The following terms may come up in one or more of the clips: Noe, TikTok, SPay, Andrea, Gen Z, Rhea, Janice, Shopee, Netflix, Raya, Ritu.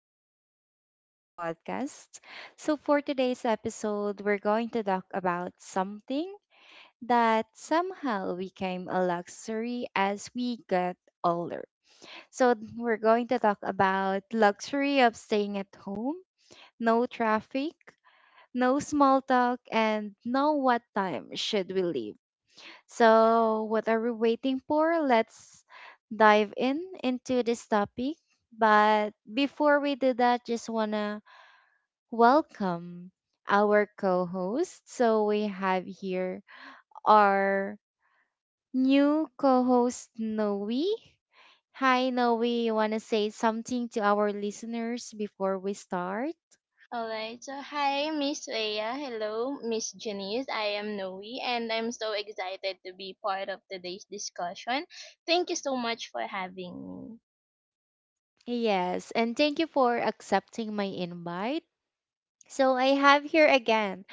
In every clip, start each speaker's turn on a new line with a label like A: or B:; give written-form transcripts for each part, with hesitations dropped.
A: to our awesome podcast. So, for today's episode, we're going to talk about something that somehow became a luxury as we get older. So, we're going to talk about luxury of staying at home, no traffic, no small talk, and know what time should we leave. So, what are we waiting for? Let's dive in into this topic. But before we do that, just want to welcome our co-host. So, we have here our new co-host Noe. Hi Noe, you want to say something to our listeners before we start?
B: Alright, so hi Miss Leia, hello Miss Janice, I am Noe and I'm so excited to be part of today's discussion. Thank you so much for having me.
A: Yes, and thank you for accepting my invite. So I have here again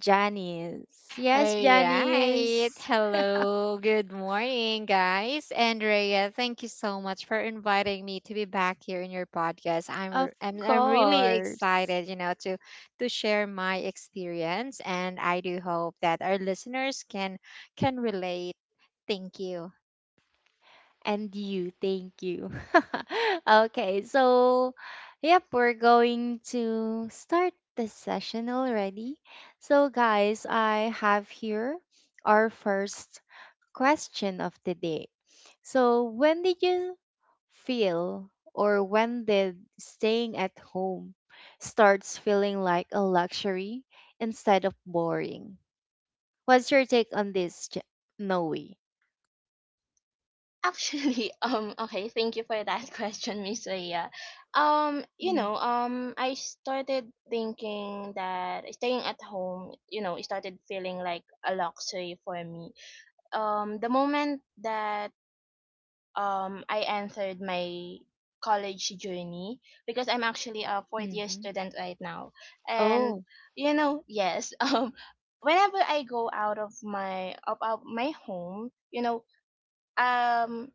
A: Janice.
C: All
A: Yes, Janice.
C: right. Hello. Good morning, guys. Andrea, thank you so much for inviting me to be back here in your podcast. I'm
A: Of
C: r- I'm, I'm really
A: course.
C: excited, you know, to share my experience and I do hope that our listeners can relate. Thank you.
A: And you, thank you. Okay, so yep, we're going to start the session already. So guys, I have here our first question of the day. So, when did you feel or when did staying at home starts feeling like a luxury instead of boring? What's your take on this, Noe?
B: Actually, okay, thank you for that question, Miss Leia.
A: Mm-hmm.
B: I started thinking that staying at home, it started feeling like a luxury for me. The moment that I answered my college journey, because I'm actually a fourth year student right now. And
A: Oh,
B: yes, whenever I go out of my of my home, um,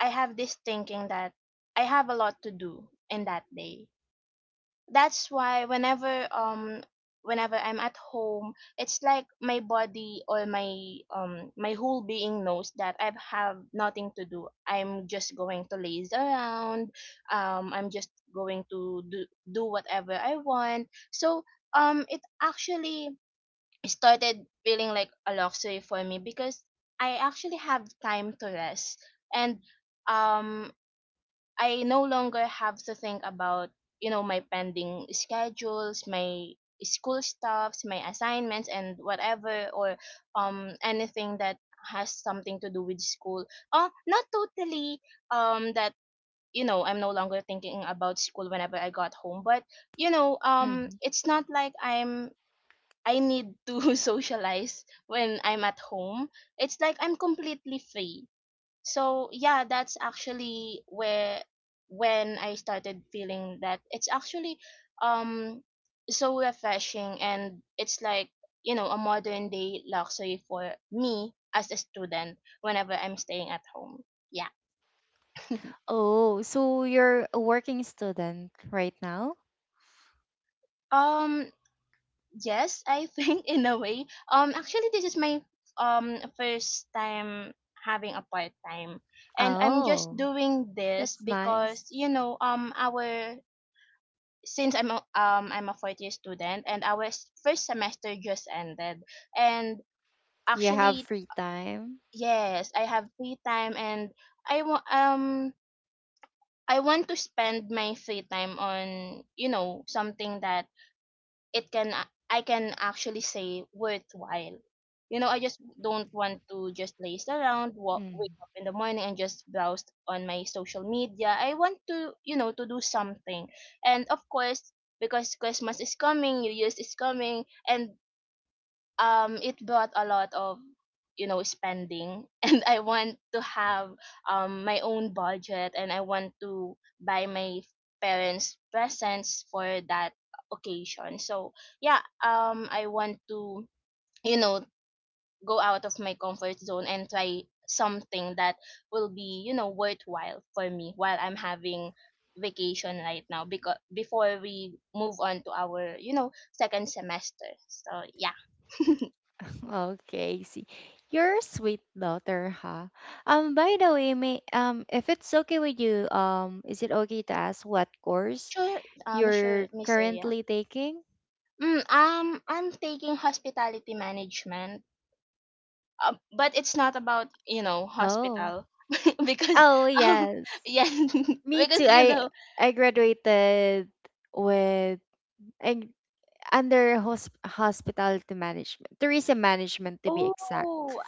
B: I have this thinking that I have a lot to do in that day. That's why whenever I'm at home, it's like my body, or my whole being, knows that I have nothing to do. I'm just going to laze around. I'm just going to do whatever I want. So it actually started feeling like a luxury for me, because I actually have time to rest, and um I no longer have to think about, my pending schedules, my school stuffs, my assignments, and whatever, or anything that has something to do with school. Oh, not totally, that, I'm no longer thinking about school whenever I got home, but,
A: hmm
B: it's not like I need to socialize when I'm at home. It's like I'm completely free, so yeah, that's actually where when I started feeling that it's actually um so refreshing, and it's like, a modern day luxury for me as a student whenever I'm staying at home. Yeah.
A: oh, so you're a working student right now?
B: um yes, I think, in a way. Actually, this is my first time having a part time. And I'm just
A: Oh,
B: doing this
A: that's nice.
B: because, you know our since I'm a fourth year student, and first semester just ended. And
A: You have
B: actually,
A: free time.
B: yes, I have free time, and I want um I want to spend my free time on, something that it can I can actually say worthwhile. I just don't want to just laze around, wake up in the morning and just browse on my social media. I want to, to do something. And of course, because Christmas is coming, New Year's is coming, and it brought a lot of, spending. And I want to have my own budget, and I want to buy my parents presents for that occasion. So yeah, I want to, you know go out of my comfort zone and try something that will be, worthwhile for me while I'm having vacation right now, because before we move on to our, second semester. So yeah.
A: Okay, see. You're a sweet daughter, huh? By the way, may if it's okay with you, is it okay to ask what course
B: Sure, sure,
A: you're
B: Miss Aya.
A: currently taking?
B: I'm taking hospitality management, but it's not about,
A: Oh.
B: hospital, because
A: Oh,
B: um
A: yes.
B: yeah.
A: Me too.
B: Because,
A: I I graduated with I, under hospitality management, tourism management to be exact.
B: oh.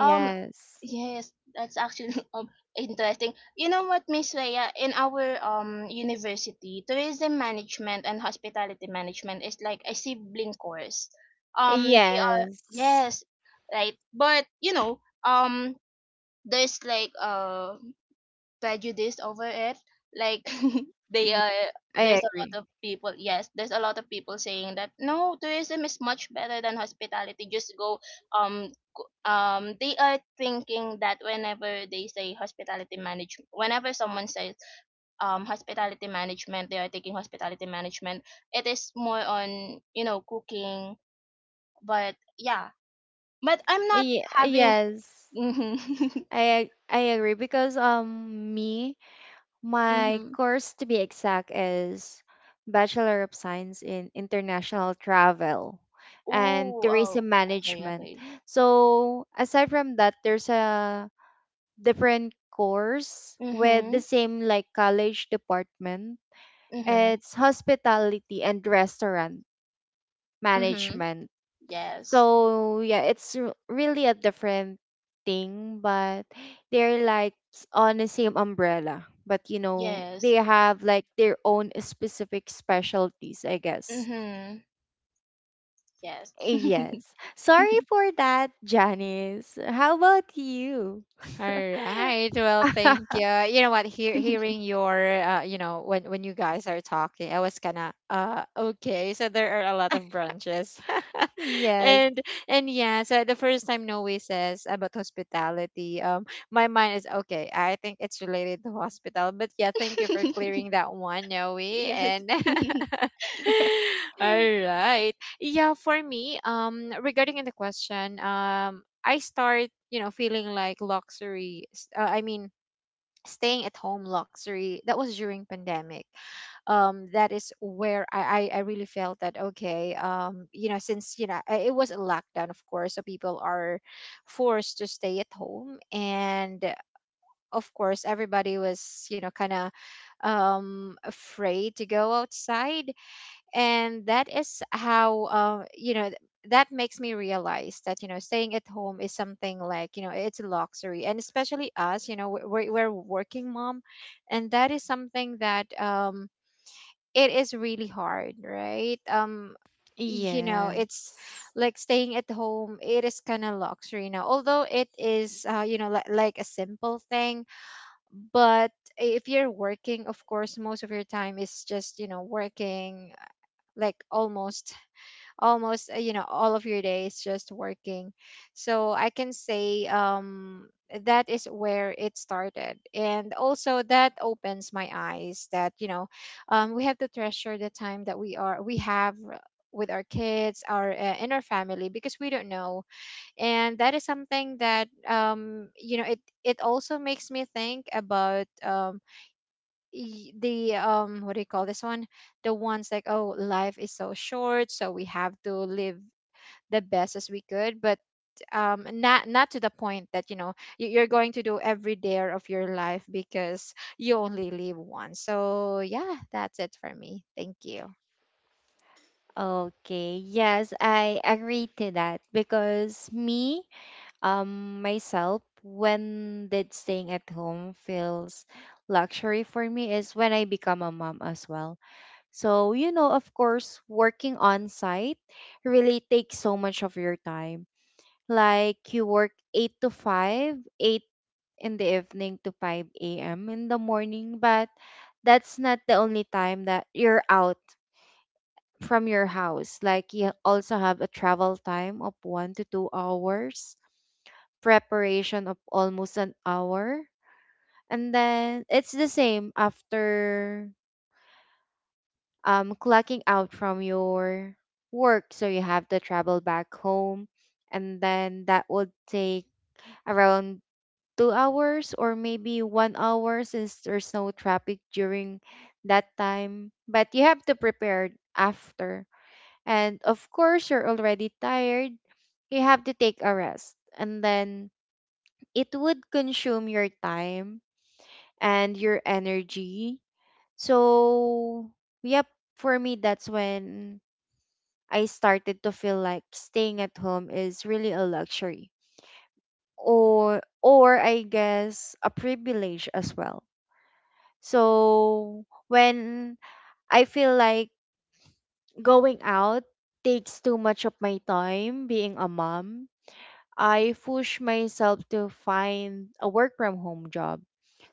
B: um yes, that's actually interesting. You know what, Miss Rhea, in our university, tourism management and hospitality management is like a sibling course. They are,
A: Yes.
B: yes, right, but, um there's like prejudice over it, like they
A: Ye-
B: are
A: I
B: there's a
A: agree.
B: lot of people, yes, there's a lot of people saying that no, tourism is much better than hospitality. They are thinking that whenever they say hospitality management, whenever someone says hospitality management, they are taking hospitality management, it is more on, cooking. But yeah, but I'm not
A: Ye-
B: having.
A: yes. I agree because me my
B: Hmm.
A: course to be exact is Bachelor of Science in International Travel and
B: Ooh. Oh,
A: Tourism
B: okay,
A: Management.
B: okay.
A: So aside from that, there's a different course with the
B: Mhm,
A: same like college department.
B: mhm,
A: It's hospitality and restaurant
B: mhm.
A: management.
B: Yes,
A: So yeah, it's really a different thing, but they're like on the same umbrella. But you know, they
B: yes,
A: have like their own specific specialties, I guess.
B: mhm, yes.
A: Yes.
B: Yes.
A: Sorry for that, Janice. How about you?
C: All right. Well, thank you. You know what? Hearing your, you know, when you guys are talking, I was kinda, okay. So there are a lot of branches,
A: Yes.
C: and and yeah. So the first time Noe says about hospitality, my mind is okay. I think it's related to hospital, but yeah, thank you for clearing that one, Noe. And all right. Yeah, for me, regarding in the question, I start, you know, feeling like luxury. I mean, staying at home luxury. That was during pandemic. That is where I really felt that okay. You know, since you know it was a lockdown, of course, so people are forced to stay at home, and of course, everybody was, you know, kind of afraid to go outside, and that is how you know that makes me realize that you know staying at home is something like you know it's a luxury, and especially us, you know, we're working mom, and that is something that it is really hard, right? You know, it's
A: Yes.
C: like staying at home, it is kind of luxury now, although it is you know, like a simple thing, but if you're working, of course, most of your time is just, you know, working, like almost almost, you know, all of your day is just working. So I can say that is where it started. And also that opens my eyes that you know we have to treasure the time that we have with our kids, our and our family, because we don't know. And that is something that you know it also makes me think about the what do you call this one, the ones like, oh, life is so short, so we have to live the best as we could, but not to the point that you know you're going to do every dare of your life because you only live once. So yeah, that's it for me. Thank you.
A: Okay. Yes, I agree to that because myself, when did staying at home feels luxury for me is when I become a mom as well. So, you know, of course, working on site really takes so much of your time. Like you work 8 to 5, 8 in the evening to 5 a.m. in the morning, but that's not the only time that you're out from your house. Like you also have a travel time of 1 to 2 hours preparation of almost an hour. And then it's the same after clocking out from your work. So you have to travel back home. And then that would take around 2 hours or maybe 1 hour since there's no traffic during that time. But you have to prepare after. And of course, you're already tired. You have to take a rest. And then it would consume your time and your energy. So, yep, for me, that's when I started to feel like staying at home is really a luxury or I guess a privilege as well. So when I feel like going out takes too much of my time being a mom, I push myself to find a work from home job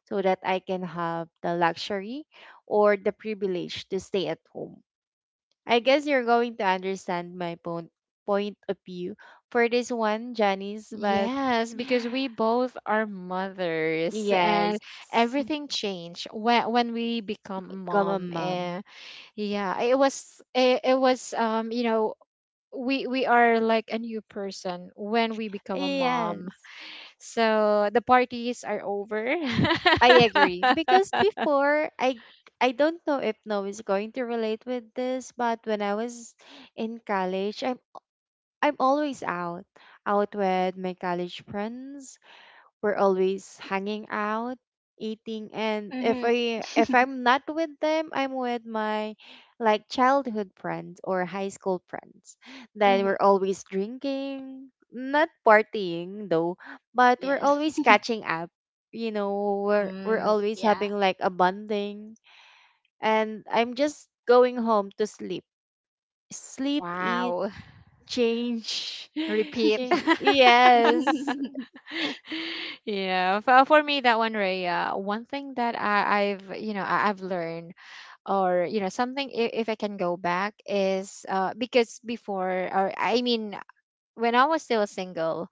A: so that I can have the luxury or the privilege to stay at home. I guess you're going to understand my point of view for this one, Janice, but
C: Yes, because we both are mothers, and
A: yes,
C: everything changed when we become
A: become a
C: mom.
A: mom.
C: And yeah, it was you know we are like a new person when we become a mom.
A: Yes.
C: So the parties are over.
A: I agree. Because before I don't know if Noah is going to relate with this, but when I was in college, I'm always out. Out with my college friends. We're always hanging out, eating, and if
B: Mhm.
A: I if I'm not with them, I'm with my like childhood friends or high school friends. Then
B: Mhm,
A: we're always drinking, not partying though, but we're
B: yes.
A: always catching up. You know, we're
B: Mm,
A: always having
B: yeah.
A: like a bonding and I'm just going home to sleep. Sleep, eat,
C: Wow.
A: change.
C: Repeat.
A: Change. Yes.
C: Yeah. For me, that one, Raya, one thing that you know, I've learned, or, you know, something if I can go back, is because before, or I mean, when I was still single,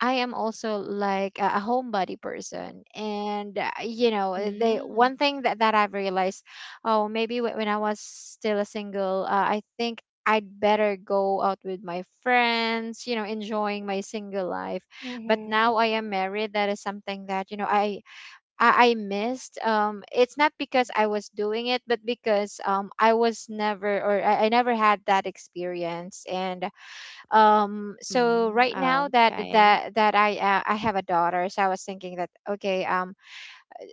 C: I am also like a homebody person, and you know, they
A: Mm.
C: one thing that I've realized, oh, maybe when I was still a single, I think I'd better go out with my friends, you know, enjoying my single life. But
B: Mhm,
C: now I am married, that is something that you know I missed. It's not because I was doing it, but because I was never, or I never had that experience. And so
A: Mm.
C: right now that
A: Okay.
C: I have a daughter, so I was thinking that okay,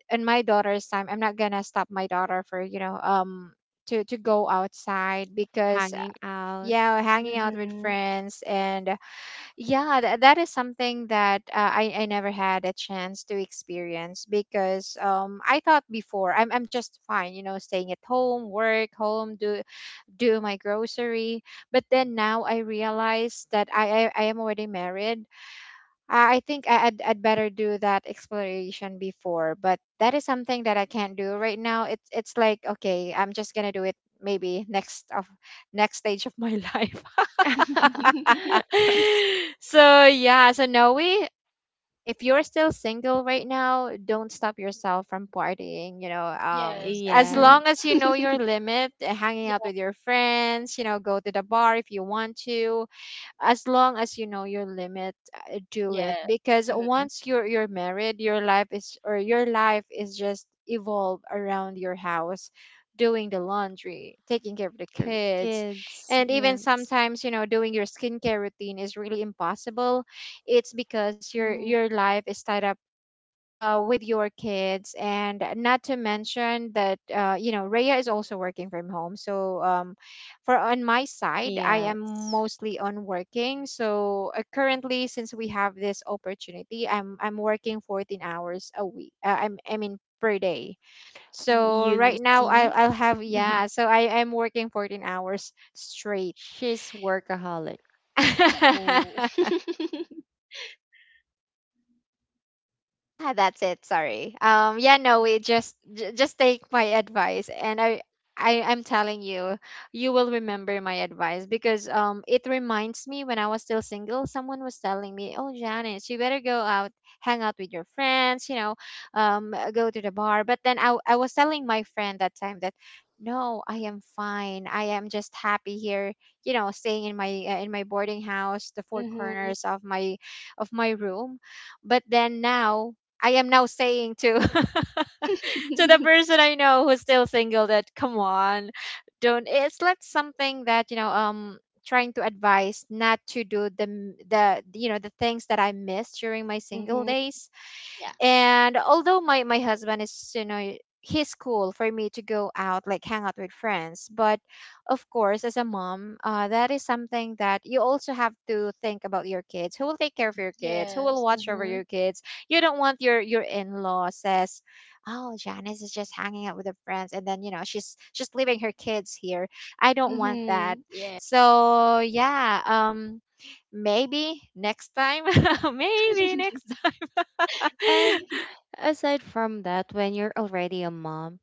C: in my daughter's time, I'm not gonna stop my daughter for you know to go outside, because
A: Hanging out.
C: yeah, hanging out with
B: mhm.
C: friends, and yeah, that is something that I never had a chance to experience, because I thought before I'm just fine, you know, staying at home, work home, do my grocery. But then now I realize that I am already married. I think I'd better do that exploration before. But that is something that I can't do right now. It's like okay, I'm just gonna do it maybe next stage of my life. So yeah, so Noe, if you're still single right now, don't stop yourself from partying. You know,
B: Yes.
C: as
B: Mhm.
A: Yeah,
C: long as you know your limit, hanging out
B: Yes.
C: with your friends, you know, go to the bar if you want to, as long as you know your limit, do it,
B: Yes.
C: because
B: Mhm.
C: once you're married, your life is, or your life is just evolve around your house, doing the laundry, taking care of the kids,
A: kids.
C: and even
A: Yes.
C: sometimes, you know, doing your skincare routine is really impossible. It's because
B: Mm.
C: your life is tied up with your kids. And not to mention that you know, Rhea is also working from home, so for on my side, I am
A: Yes.
C: mostly on working. So currently, since we have this opportunity, I'm working 14 hours a week, I'm I mean per day. So
A: You
C: right now
A: see,
C: I'll have, yeah, so I am working 14 hours straight.
A: she's workaholic.
B: Ooh.
C: Yeah, that's it. Sorry. Yeah, no, we just just take my advice, and I'm telling you, you will remember my advice, because it reminds me when I was still single, someone was telling me, "Oh, Janice, you better go out, hang out with your friends, you know, go to the bar." But then I was telling my friend that time that, "No, I am fine. I am just happy here, you know, staying in my boarding house, the four
B: Mhm.
C: corners of my room." But then now I am now saying to to the person I know who's still single that come on, don't, it's like something that, you know, trying to advise not to do the you know the things that I missed during my single
B: Mhm.
C: days.
B: Yeah.
C: And although my husband is, you know, he's cool for me to go out, like hang out with friends, but of course, as a mom, that is something that you also have to think about your kids, who will take care of your kids, who will
B: Yes.
C: watch over
B: Mhm.
C: your kids. You don't want your in-law says, oh, Janice is just hanging out with her friends, and then you know she's just leaving her kids here. I don't want that.
B: Mhm. Yeah.
C: So yeah, maybe next time maybe next time.
A: And aside from that, when you're already a mom,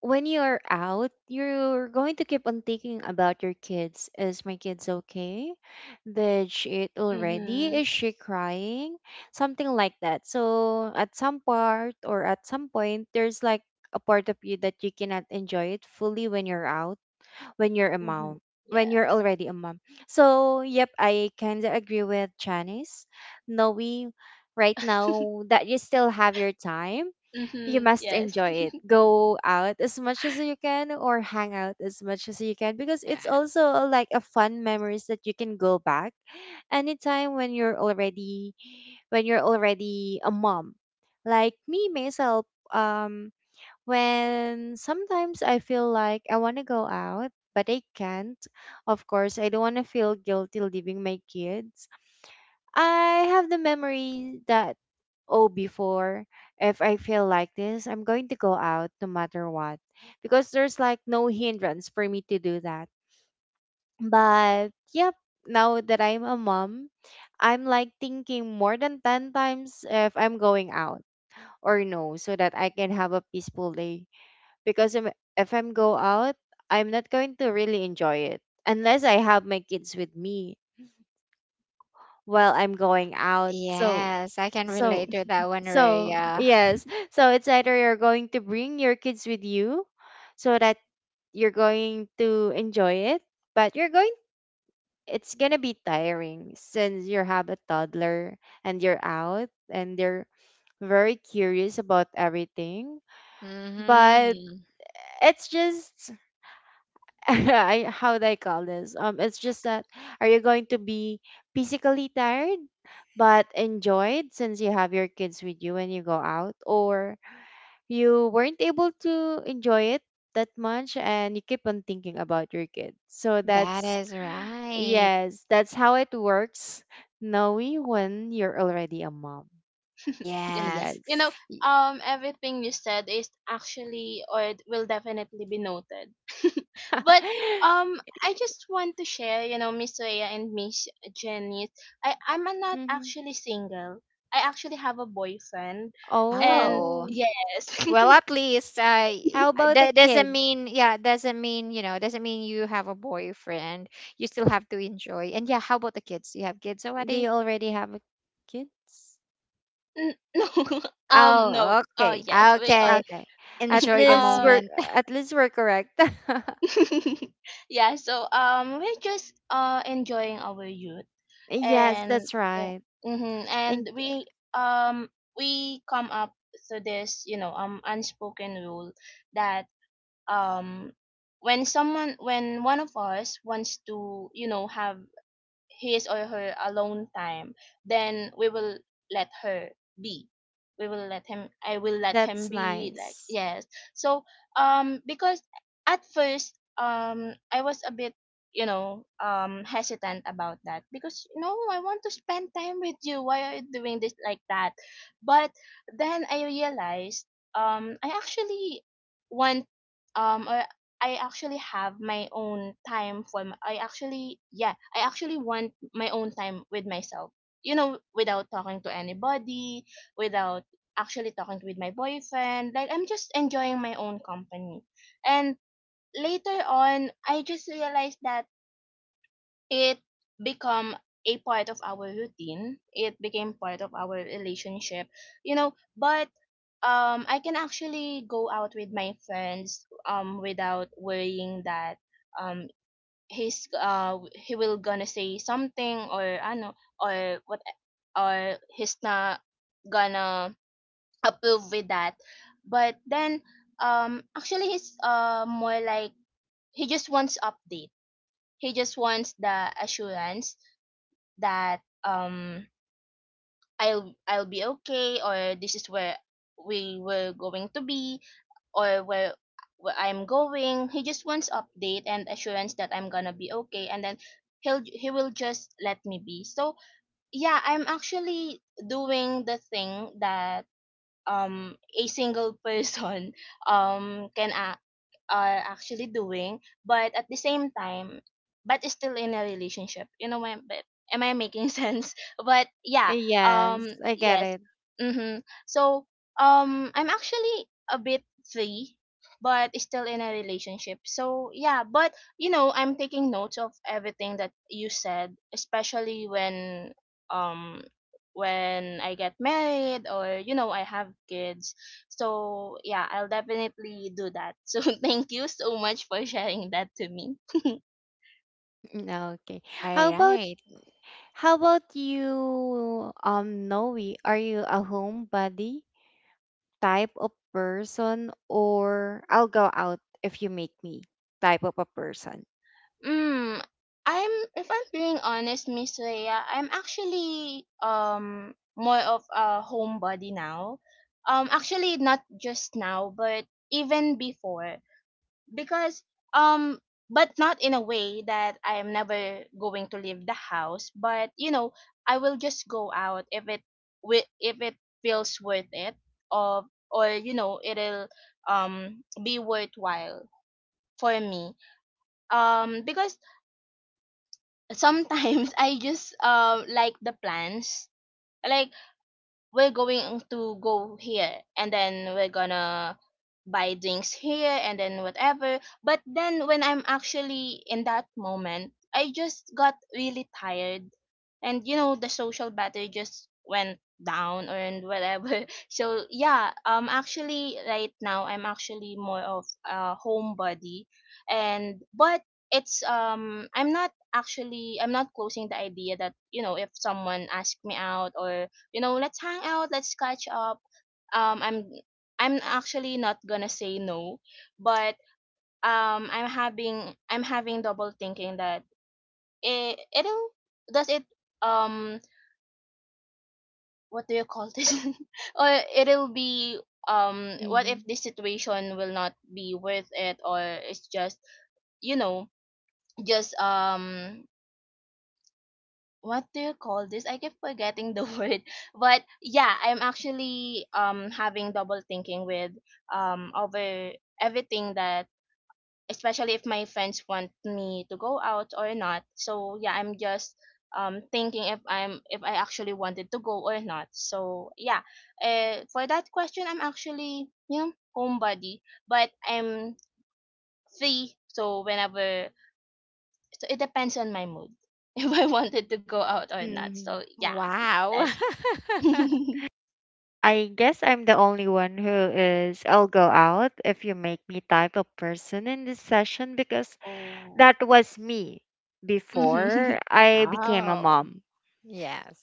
A: when you're out, you're going to keep on thinking about your kids. Is my kids okay? Did she eat already?
B: Mhm.
A: Is she crying? Something like that. So at some part or at some point, there's like a part of you that you cannot enjoy it fully when you're a
B: Mhm.
A: mom when you're
B: Yes.
A: already a mom. So yep, I kind of agree with Janice. Noe, right now that you still have your time, you
B: Mhm.
A: must
B: Yes.
A: enjoy it, go out as much as you can or hang out as much as you can because it's
C: Yeah.
A: also like a fun memories that you can go back anytime when you're already a mom, like me myself. um when sometimes I feel like I want to go out, but I can't. Of course, I don't want to feel guilty leaving my kids. I have the memory that, oh, before, if I feel like this, I'm going to go out no matter what. Because there's like no hindrance for me to do that. But, yep, now that I'm a mom, I'm like thinking more than 10 times if I'm going out or no, so that I can have a peaceful day because if I'm go out, I'm not going to really enjoy it unless I have my kids with me while I'm going out.
C: Yes, I can
A: So
C: relate to that one,
A: so
C: Rhea.
A: yes. So it's either you're going to bring your kids with you so that you're going to enjoy it, but you're going it's gonna be tiring since you have a toddler and you're out and they're very curious about everything. But
C: Mm-hmm.
A: it's just I how do I call this? It's just that, are you going to be physically tired but enjoyed since you have your kids with you when you go out, or you weren't able to enjoy it that much and you keep on thinking about your kids. So
C: That
A: that's
C: is right.
A: yes, that's how it works, knowing when you're already a mom.
B: Yes.
C: Yes.
B: You know,
A: Yes.
C: Y-
B: everything you said is actually, or it will definitely be noted. But I just want to share, Miss Rhea and Miss Jenny. I'm not
A: Mhm.
B: actually single. I actually have a boyfriend, and
C: Oh,
A: Oh,
B: yes.
C: well, at least
A: how about the
C: that doesn't
A: kid?
C: mean, yeah, doesn't mean, you know, doesn't mean you have a boyfriend. You still have to enjoy. And yeah, how about the kids? Do you have kids
A: Do you
C: already?
A: already have a kids?
B: No,
A: Oh,
B: no,
A: okay.
B: yes, we are.
C: Okay,
A: Okay. At
C: enjoy the
A: least
B: uh
A: we're
C: moment.
A: at least we're correct.
B: yeah, so we're just enjoying our youth,
A: Yes,
B: and
A: that's
B: yeah.
A: right.
B: Mm-hmm. And
A: And eh,
B: um we come up to this, unspoken rule that, um when someone when one of us wants to, have his or her alone time, then we will let her be. We will let him I will let him
A: that's
B: be. Like,
A: nice.
B: yes. So, because at first, I was a bit, hesitant about that, because, no, I want to spend time with you, why are you doing this like that. But then I realized, I actually want, or I actually have my own time for, my, I actually yeah, I actually want my own time with myself. Without talking to anybody, without actually talking with my boyfriend. Like, I'm just enjoying my own company. And later on, I just realized that it become it became part of our relationship, but I can actually go out with my friends without worrying that, um he will gonna say something, or I know or what or he's not gonna approve with that. But then, actually, he's more like, he just wants update, he just wants the assurance that, I'll be okay, or this is where we were going to be, or where I'm going. He just wants update and assurance that I'm gonna be okay, and then he will just let me be. So yeah, I'm actually doing the thing that, a single person can are actually doing, but at the same time, but is still in a relationship. You know, am I making sense? But yeah,
A: Yes, I get
B: yes.
A: it.
B: Mm-hmm. So, I'm actually a bit free, but still in a relationship. So yeah, but, I'm taking notes of everything that you said, especially um when I get married, or, I have kids. So yeah, I'll definitely do that. So thank you so much for sharing that to me.
A: Mm, okay.
C: All
A: How about
C: right.
A: how about you, Noe? Are you a homebody type of person or I'll go out if you make me type of a person?
B: Mm, I'm if I'm being honest, Miss Rhea, I'm actually more of a homebody now. Actually, not just now, but even before. Because, um but not in a way that I am never going to leave the house, but, I will just go out if if it feels worth it, or, it'll be worthwhile for me. Because sometimes I just like the plans. Like, we're going to go here, and then we're gonna buy drinks here, and then whatever. But then when I'm actually in that moment, I just got really tired, and, the social battery just went down, or and whatever. So yeah, actually right now I'm actually more of a homebody. And but it's, I'm not closing the idea that, if someone asks me out, or, let's hang out, let's catch up. um i'm I'm actually not gonna say no. But, I'm having double thinking that, it it'll does it um what do you call this? Or it'll be, what
A: Mm-hmm.
B: if this situation will not be worth it, or it's just, you know just um what do you call this? I keep forgetting the word. But yeah, I'm actually having double thinking, with over everything, that especially if my friends want me to go out or not. So yeah, I'm just thinking if I'm if I actually wanted to go or not. So yeah, for that question, I'm actually, you know, homebody, but I'm free, so it depends on my mood if I wanted to go out or not.
A: Mm-hmm.
B: So yeah.
C: Wow.
B: that's
A: I guess I'm the only one who is I'll go out if you make me type of person in this session because
B: Oh.
A: that was me
B: Mhm.
A: before I became a
C: Oh,
A: mom.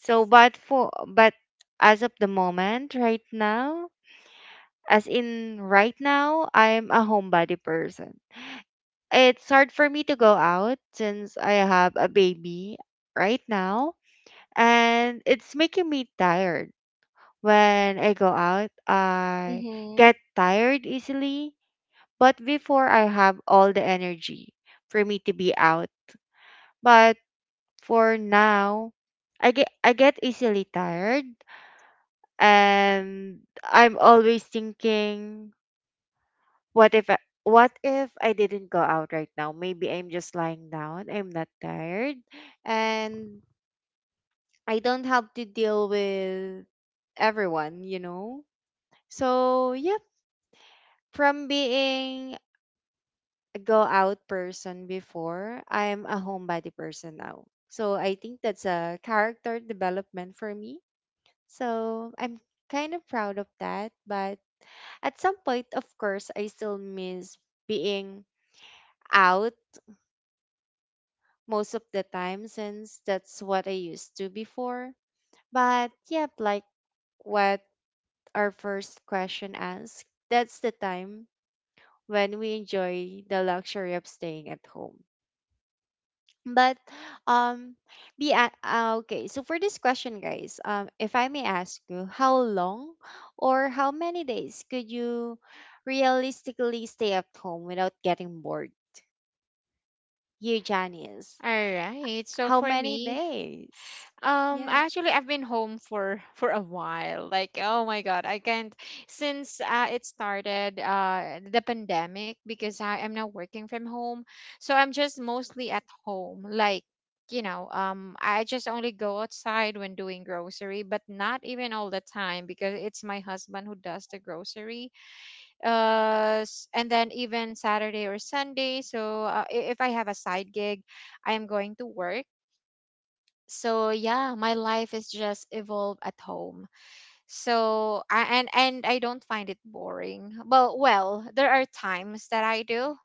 A: So but as of the moment right now, as in right now, I'm a homebody person. It's hard for me to go out since I have a baby right now and it's making me tired. When I go out, I
B: Mhm.
A: get tired easily, but before I have all the energy for me to be out. But for now, I get easily tired and I'm always thinking, what if I, what if I didn't go out right now? Maybe I'm just lying down. I'm not tired and I don't have to deal with everyone. So, yep, from being go out person before, I'm a homebody person now. So I think that's a character development for me. So I'm kind of proud of that. But at some point, of course, I still miss being out most of the time since that's what I used to before. But yep, like what our first question asked, that's the time when we enjoy the luxury of staying at home. But um okay, so for this question guys, if I may ask you, how long or how many days could you realistically stay at home without getting bored? You, Janice?
C: All right. So
A: How
C: for
A: many
C: me,
A: days? Yes.
C: Actually, I've been home for for a while. Like, oh my God, I can't, since it started the pandemic, because I am now working from home, so I'm just mostly at home. Like, you know, I just only go outside when doing grocery, but not even all the time because it's my husband who does the grocery. And then even Saturday or Sunday. So if I have a side gig, I am going to work. So yeah, my life is just evolve at home. So I, and I don't find it boring. Well, well, there are times that I do,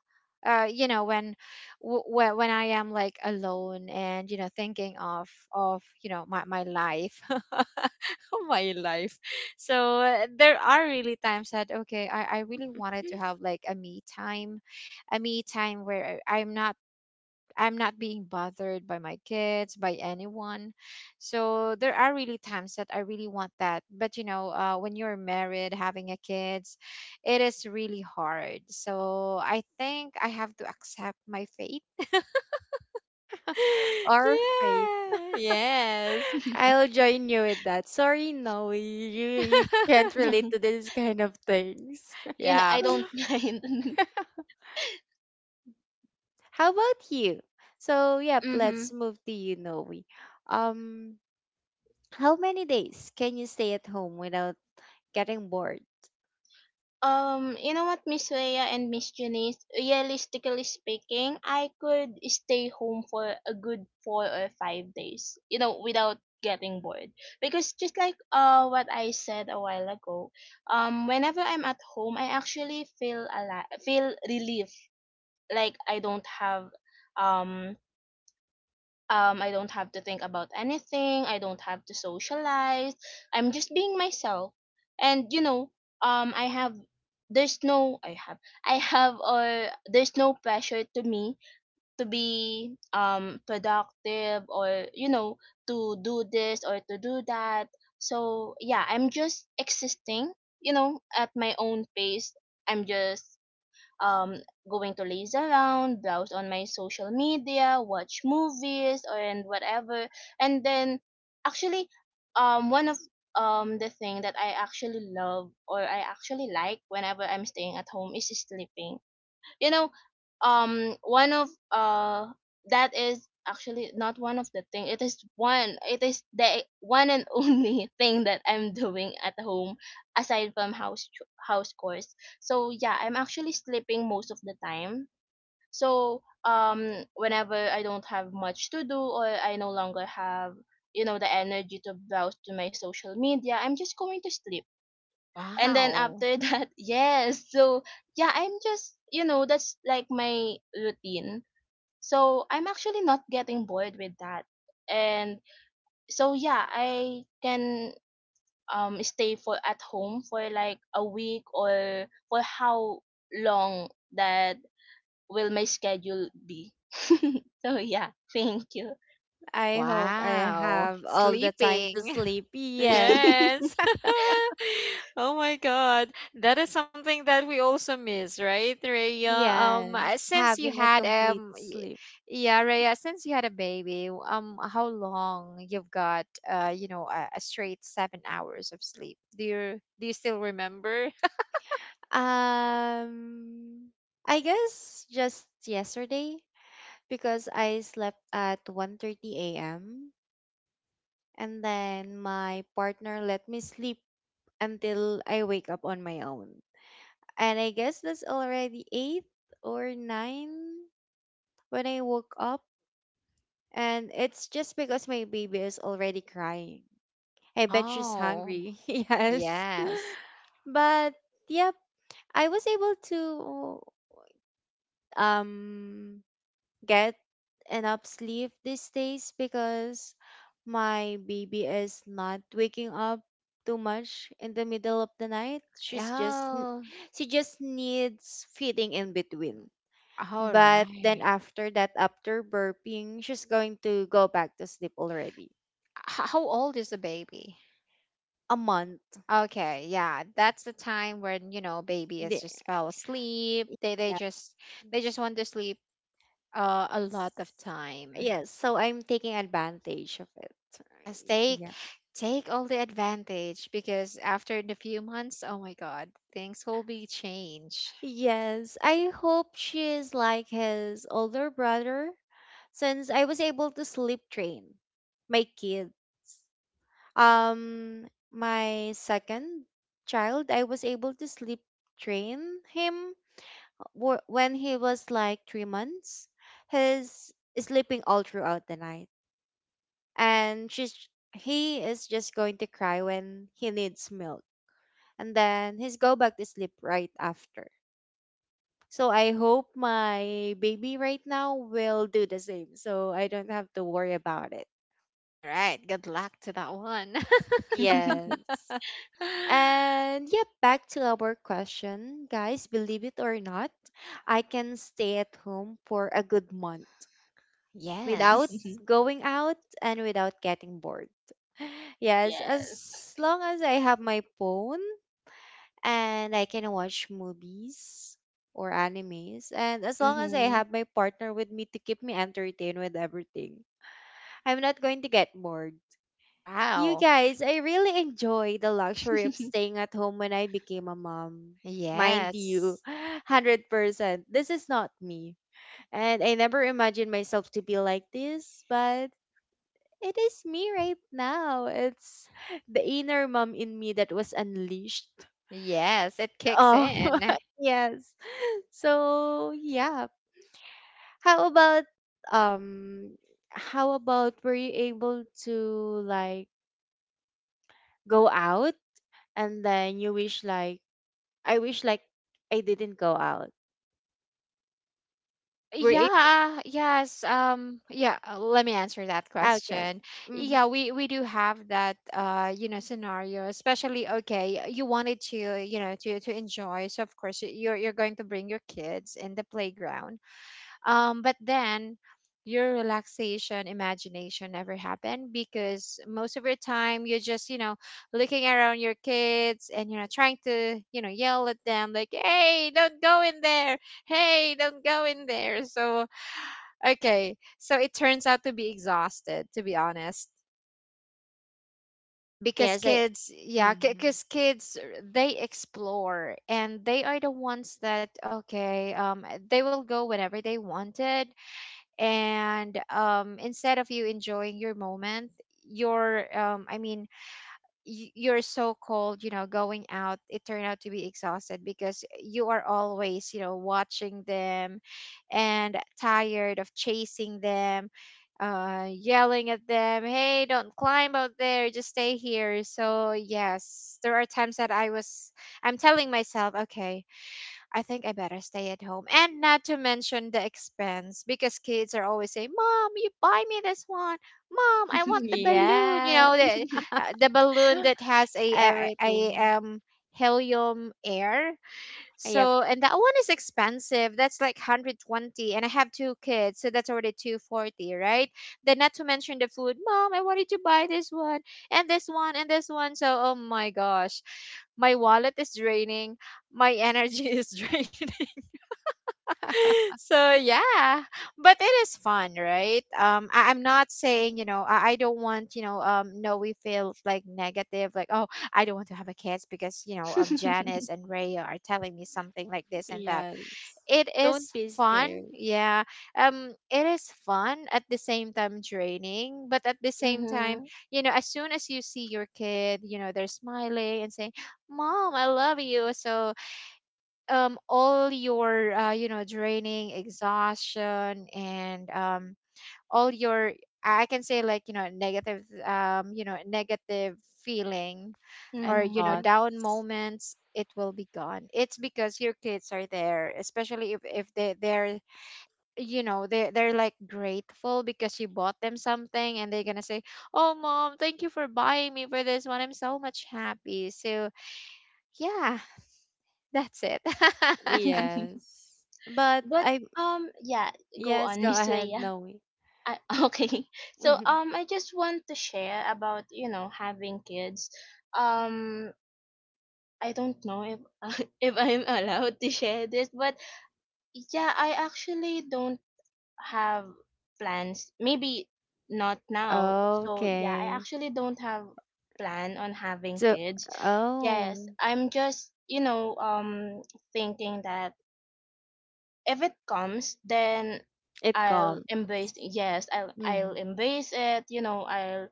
C: you know, when when I am like alone and you know thinking of you know my life my life. So there are really times that okay, I really wanted to have like a me time, where I'm not being bothered by my kids, by anyone. So there are really times that I really want that. But you know, when you're married, having a kids, it is really hard. So I think I have to accept my fate.
A: Or faith.
C: Yeah. Yes.
A: I'll join you with that. Sorry, no you can't relate to this kind of things.
B: You know,
C: Yeah.
B: I don't mind.
A: How about you? So yep,
B: Mm-hmm.
A: let's move to you, Noe. um How many days can you stay at home without getting bored?
B: You know what, Miss Leia and Miss Janice, realistically speaking, I could stay home for a good 4 or 5 days, without getting bored. Because just like, what I said a while ago, whenever I'm at home, I actually feel a lot, feel relief, like um I don't have to think about anything, I don't have to socialize, I'm just being myself. And, I have there's no I have I have or there's no pressure to me to be productive, or, to do this or to do that. So yeah, I'm just existing, at my own pace. I'm just, um, going to laze around, browse on my social media, watch movies, or and whatever. And then, actually, one of the thing that I actually love or I actually like whenever I'm staying at home is sleeping. You know one of That is actually not one of the thing. It is one it is the one and only thing that I'm doing at home, aside from house chores. So yeah, I'm actually sleeping most of the time. So whenever I don't have much to do, or I no longer have the energy to browse to my social media, I'm just going to sleep. And then
C: Wow.
B: after that, yes. So yeah, I'm just, that's like my routine. So I'm actually not getting bored with that. And so yeah, I can stay for at home for like a week or for how long that will my schedule be. So yeah, thank you.
A: I hope I
C: Wow.
A: have all the time to
C: Sleeping.
A: sleep. Yes.
C: Yes. Oh my God. That is something that we also miss, right, Raya?
A: Yes.
C: Since you
A: Having a
C: had
A: complete sleep.
C: yeah, Raya, since you had a baby, how long you've got, you know, a straight 7 hours of sleep? Do you still remember?
A: Um I guess just yesterday because I slept at 1:30 a.m. and then my partner let me sleep until I wake up on my own. And I guess that's already 8 or 9 when I woke up. And it's just because my baby is already crying. I bet she's
C: Oh,
A: hungry. Yes.
C: yes.
A: But yep, I was able to um get enough sleep these days because my baby is not waking up too much in the middle of the night. She's just
C: Oh,
A: she just needs feeding in between.
C: all
A: But then
C: right.
A: after that, after burping, she's going to go back to sleep already.
C: How old is the baby?
A: A month.
C: Okay, yeah, that's the time when you know baby is
A: The-
C: just fell asleep.
A: yeah.
C: They just want to sleep a lot of time.
A: Yes, so I'm taking advantage of it.
C: Yes, take
A: Yeah.
C: all the advantage, because after the few months, oh my God, things will be changed.
A: Yes, I hope she is like his older brother since I was able to sleep train my kids. My second child, I was able to sleep train him when he was like 3 months. He's sleeping all throughout the night. And she's He is just going to cry when he needs milk, and then he's go back to sleep right after. So I hope my baby right now will do the same, so I don't have to worry about it.
C: All right, good luck to that one.
A: Yes. And yeah, back to our question, guys, believe it or not, I can stay at home for a good month
B: Yes.
A: without
C: Yes.
B: Mhm.
A: going out and without getting bored. Yes, as long as I have my phone and I can watch movies or animes. And as long as I have my partner with me to keep me entertained with everything, I'm not going to get bored. You
C: Wow.
A: guys, I really enjoy the luxury of staying at home when I became a mom. Mind you,
C: Yes.
A: 100%. This is not me. And I never imagined myself to be like this, but it is me right now. It's the inner mom in me that was unleashed.
C: Yes, it kicks
A: Oh,
C: in.
A: yes. So yeah. How about um how about were you able to, like, go out and then you wish like, I wish like I didn't go out. Were you
C: Yeah, yes. Yeah, Let me answer that
A: okay.
C: question. Yeah,
A: Mm-hmm.
C: we do have that scenario, especially okay, you wanted to, you know, to enjoy. So of course, you're going to bring your kids in the playground but then your relaxation imagination never happen because most of your time you're just, you know, looking around your kids and you know trying to, you know, yell at them like, "Hey, don't go in there. Hey, don't go in there." So, okay. So it turns out to be exhausted, to be honest. Because
A: Yes, I
C: kids, yeah,
A: mm-hmm.
C: because kids, they explore and they are the ones that, okay, they will go whenever they wanted and instead of you enjoying your moment you're, you're so cold, you know, going out, it turned out to be exhausted because you are always, you know, watching them and tired of chasing them, yelling at them, "Hey, don't climb out there, just stay here." So yes, there are times that I'm telling myself, okay, I think I better stay at home. And not to mention the expense because kids are always saying, "Mom, you buy me this one. Mom, I want the balloon." You
A: Yeah.
C: know, the
B: Mhm.
C: uh, the balloon that has a a, a
A: Everything.
C: um helium air.
A: Yep.
C: So, and that one is expensive. That's like 120 and I have two kids, so that's already 240, right? Then not to mention the food. Mom, I wanted to buy this one and this one and this one. So, oh my gosh. My wallet is draining. My energy is draining. So, yeah. But it is fun, right? I'm not saying, you know, I don't want, you know, no we feel like negative like, "Oh, I don't want to have a kids because, you know, Janice and Raya are telling me something like this and that."
A: Yes.
C: It
A: Don't
C: is
A: be
C: fun.
A: scared
C: Yeah. It is fun at the same time draining, but at the same time, you know, as soon as you see your kid, you know, they're smiling and saying, "Mom, I love you." So, all your you know, draining exhaustion and all your, I can say like, you know, negative, you know, negative feeling or,
A: and
C: you know,
B: Mhm.
C: down
A: thoughts.
C: moments, it will be gone. It's because your kids are there, especially if they're you know, they're like grateful because you bought them something and they're going to say, "Oh mom, thank you for buying me for this one. I'm so much happy." So yeah, that's it.
A: Yes. But
B: but
A: I
B: um yeah, go
A: yes,
B: on,
A: go
B: Miss
A: ahead,
B: Weya.
A: Noe.
B: I, okay. So I just want to share about, having kids. Um I don't know if if I'm allowed to share this, but yeah, I actually don't have plans. Maybe not now. So yeah, I
A: Okay.
B: actually don't have plan on having
A: So
B: kids. Yes,
A: oh,
B: I'm just thinking that if it comes, then
A: it
B: I'll
A: calm.
B: embrace. Yes, I'll
A: Hmm.
B: embrace it. I'll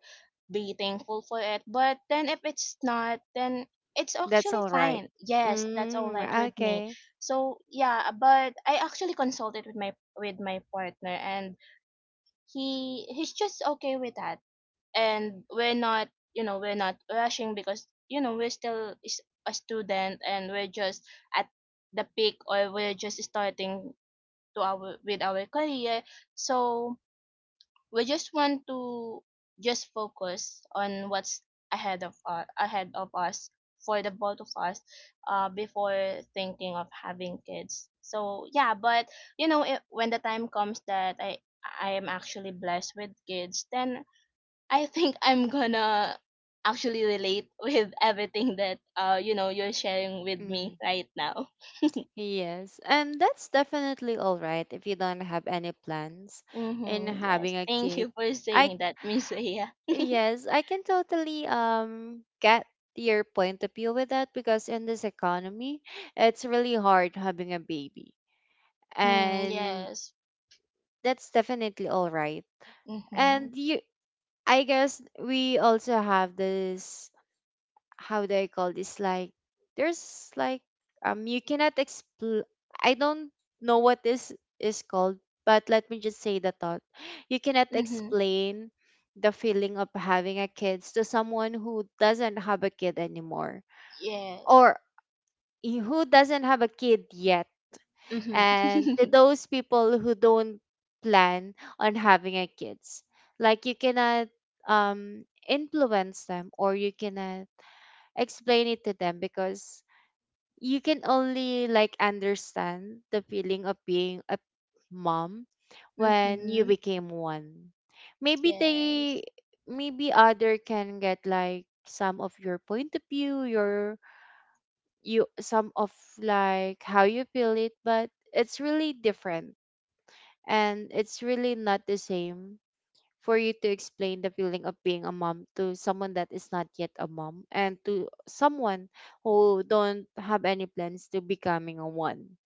B: be thankful for it. But then if it's not, then it's
A: That's
B: actually
A: all right.
B: fine. Yes, that's all right
A: Mm,
B: with me.
A: okay.
B: So yeah, but I actually consulted with my partner, and he's just okay with that. And we're not rushing, because we're still is a student, and we're just at the peak, or we're just starting to our with our career. So we just want to just focus on what's ahead of us, for the both of us, before thinking of having kids. So yeah, but you know it, when the time comes that I am actually blessed with kids, then I think I'm gonna actually relate with everything that you're sharing with
A: Hmm.
B: me right now.
A: Yes, and that's definitely all right if you don't have any plans in
B: Mm-hmm, yes.
A: having a
B: Thank
A: kid.
B: you for
A: I
B: saying that, Miss Aya.
A: yes, I can totally get your point of view with that because in this economy, it's really hard having a baby.
B: Mm,
A: And
B: yes.
A: that's definitely all right.
B: Mm-hmm.
A: And you I guess we also have this, how do I call this? Like, there's like you cannot explain. I don't know what this is called, but let me just say the thought. You cannot
B: Mm-hmm.
A: explain the feeling of having a kids to someone who doesn't have a kid anymore,
B: Yes.
A: or who doesn't have a kid yet,
B: Mhm.
A: and to those people who don't plan on having a kids. Like, you cannot influence them, or you cannot explain it to them because you can only like understand the feeling of being a mom when you
B: Mhm.
A: became one. Maybe they
B: Yes.
A: maybe other can get like some of your point of view, your you some of like how you feel it, but it's really different and it's really not the same for you to explain the feeling of being a mom to someone that is not yet a mom and to someone who don't have any plans to becoming a one.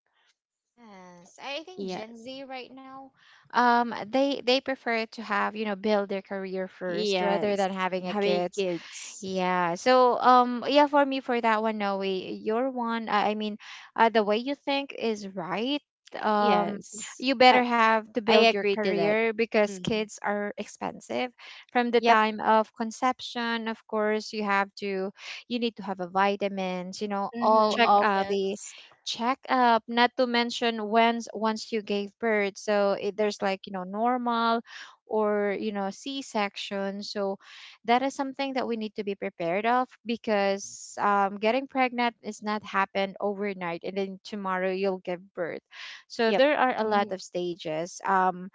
C: Yes, I think
A: Yeah.
C: Gen Z right now, they prefer to have, you know, build their career first rather
A: Yes.
C: than having a
A: Having
C: kids.
A: kids.
C: Yeah. So, yeah, for me, for that one, no way. Your one, I mean, the way you think is right. Um,
A: Yes.
C: you better have to
A: I
C: build your
A: agree to that.
C: career because
A: Hmm.
C: kids are expensive from the
A: Yep.
C: time of conception. Of course, you have to, you need to have a vitamins, you know, all
B: Mhm.
C: of
B: Yes.
C: the
A: Checkups.
C: checkup, not to mention when's once you gave birth. So it, there's like, you know, normal or, you know, C-section. So, that is something that we need to be prepared of because getting pregnant is not happen overnight and then tomorrow you'll give birth. So
A: Yep.
C: there are a lot
B: Mhm.
C: of stages,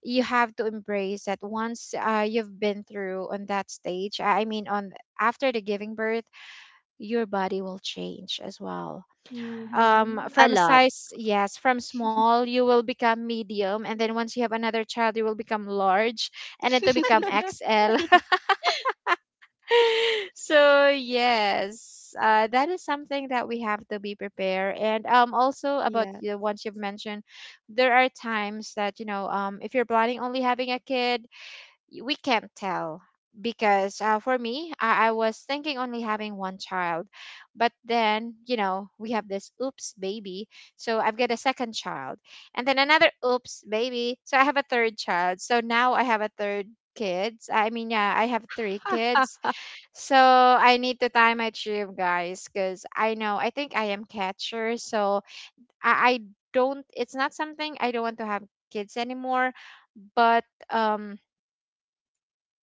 C: you have to embrace that once you've been through on that stage, I mean on after the giving birth, your body will change as well.
B: Mhm.
A: A
C: From
A: lot.
C: size, yes, from small you will become medium, and then once you have another child you will become large, and then to become xl. So yes, that is something that we have to be prepared, and also about
A: Yeah.
C: the ones you've mentioned, there are times that, you know, if you're planning only having a kid, we can't tell because, for me, I was thinking only having one child, but then, you know, we have this oops baby, so I've got a second child, and then another oops baby, so I have a third child. So now I have a third kids I mean yeah, I have 3 kids. So I need to time my trip, guys, because I know I think I am catcher, so I don't. It's not something I don't want to have kids anymore, but um,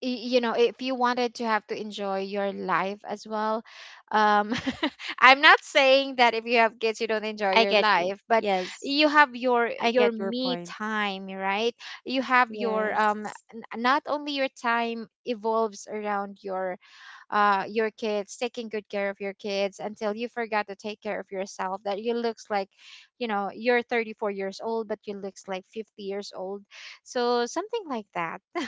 C: you know, if you wanted to have to enjoy your life as well, um, I'm not saying that if you have kids you don't enjoy
A: I
C: your
A: get you.
C: life, but
A: Yes.
C: you have your
A: I get your
C: me
A: point.
C: time, right? You have your
A: Yes.
C: not only your time evolves around your kids, taking good care of your kids until you forgot to take care of yourself. That you looks like, you know, you're 34 years old, but you looks like 50 years old. So something like that.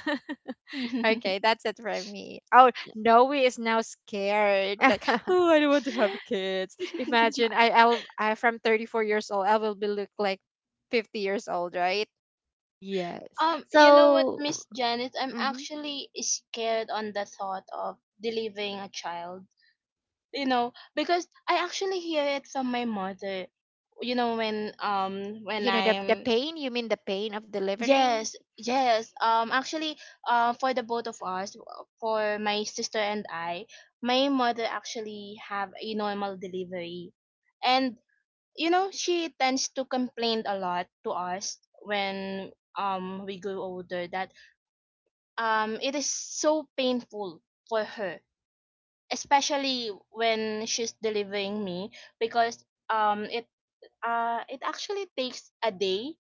C: Okay, that's it for me. Oh, Noe is now scared. Like, oh, I don't want to have kids. Imagine I from 34 years old, I will be look like 50 years old, right?
A: yes.
B: you know what,
A: So,
B: Miss Janet? I'm
A: mm-hmm.
B: actually scared on the thought of delivering a child. Because I actually hear it from my mother. When when
C: You know the
B: I'm
C: pain. You mean the pain of delivering?
B: Yes, yes. Actually, for the both of us, for my sister and I, my mother actually have a normal delivery, and she tends to complain a lot to us when we grow older, that it is so painful for her, especially when she's delivering me, because it actually takes a day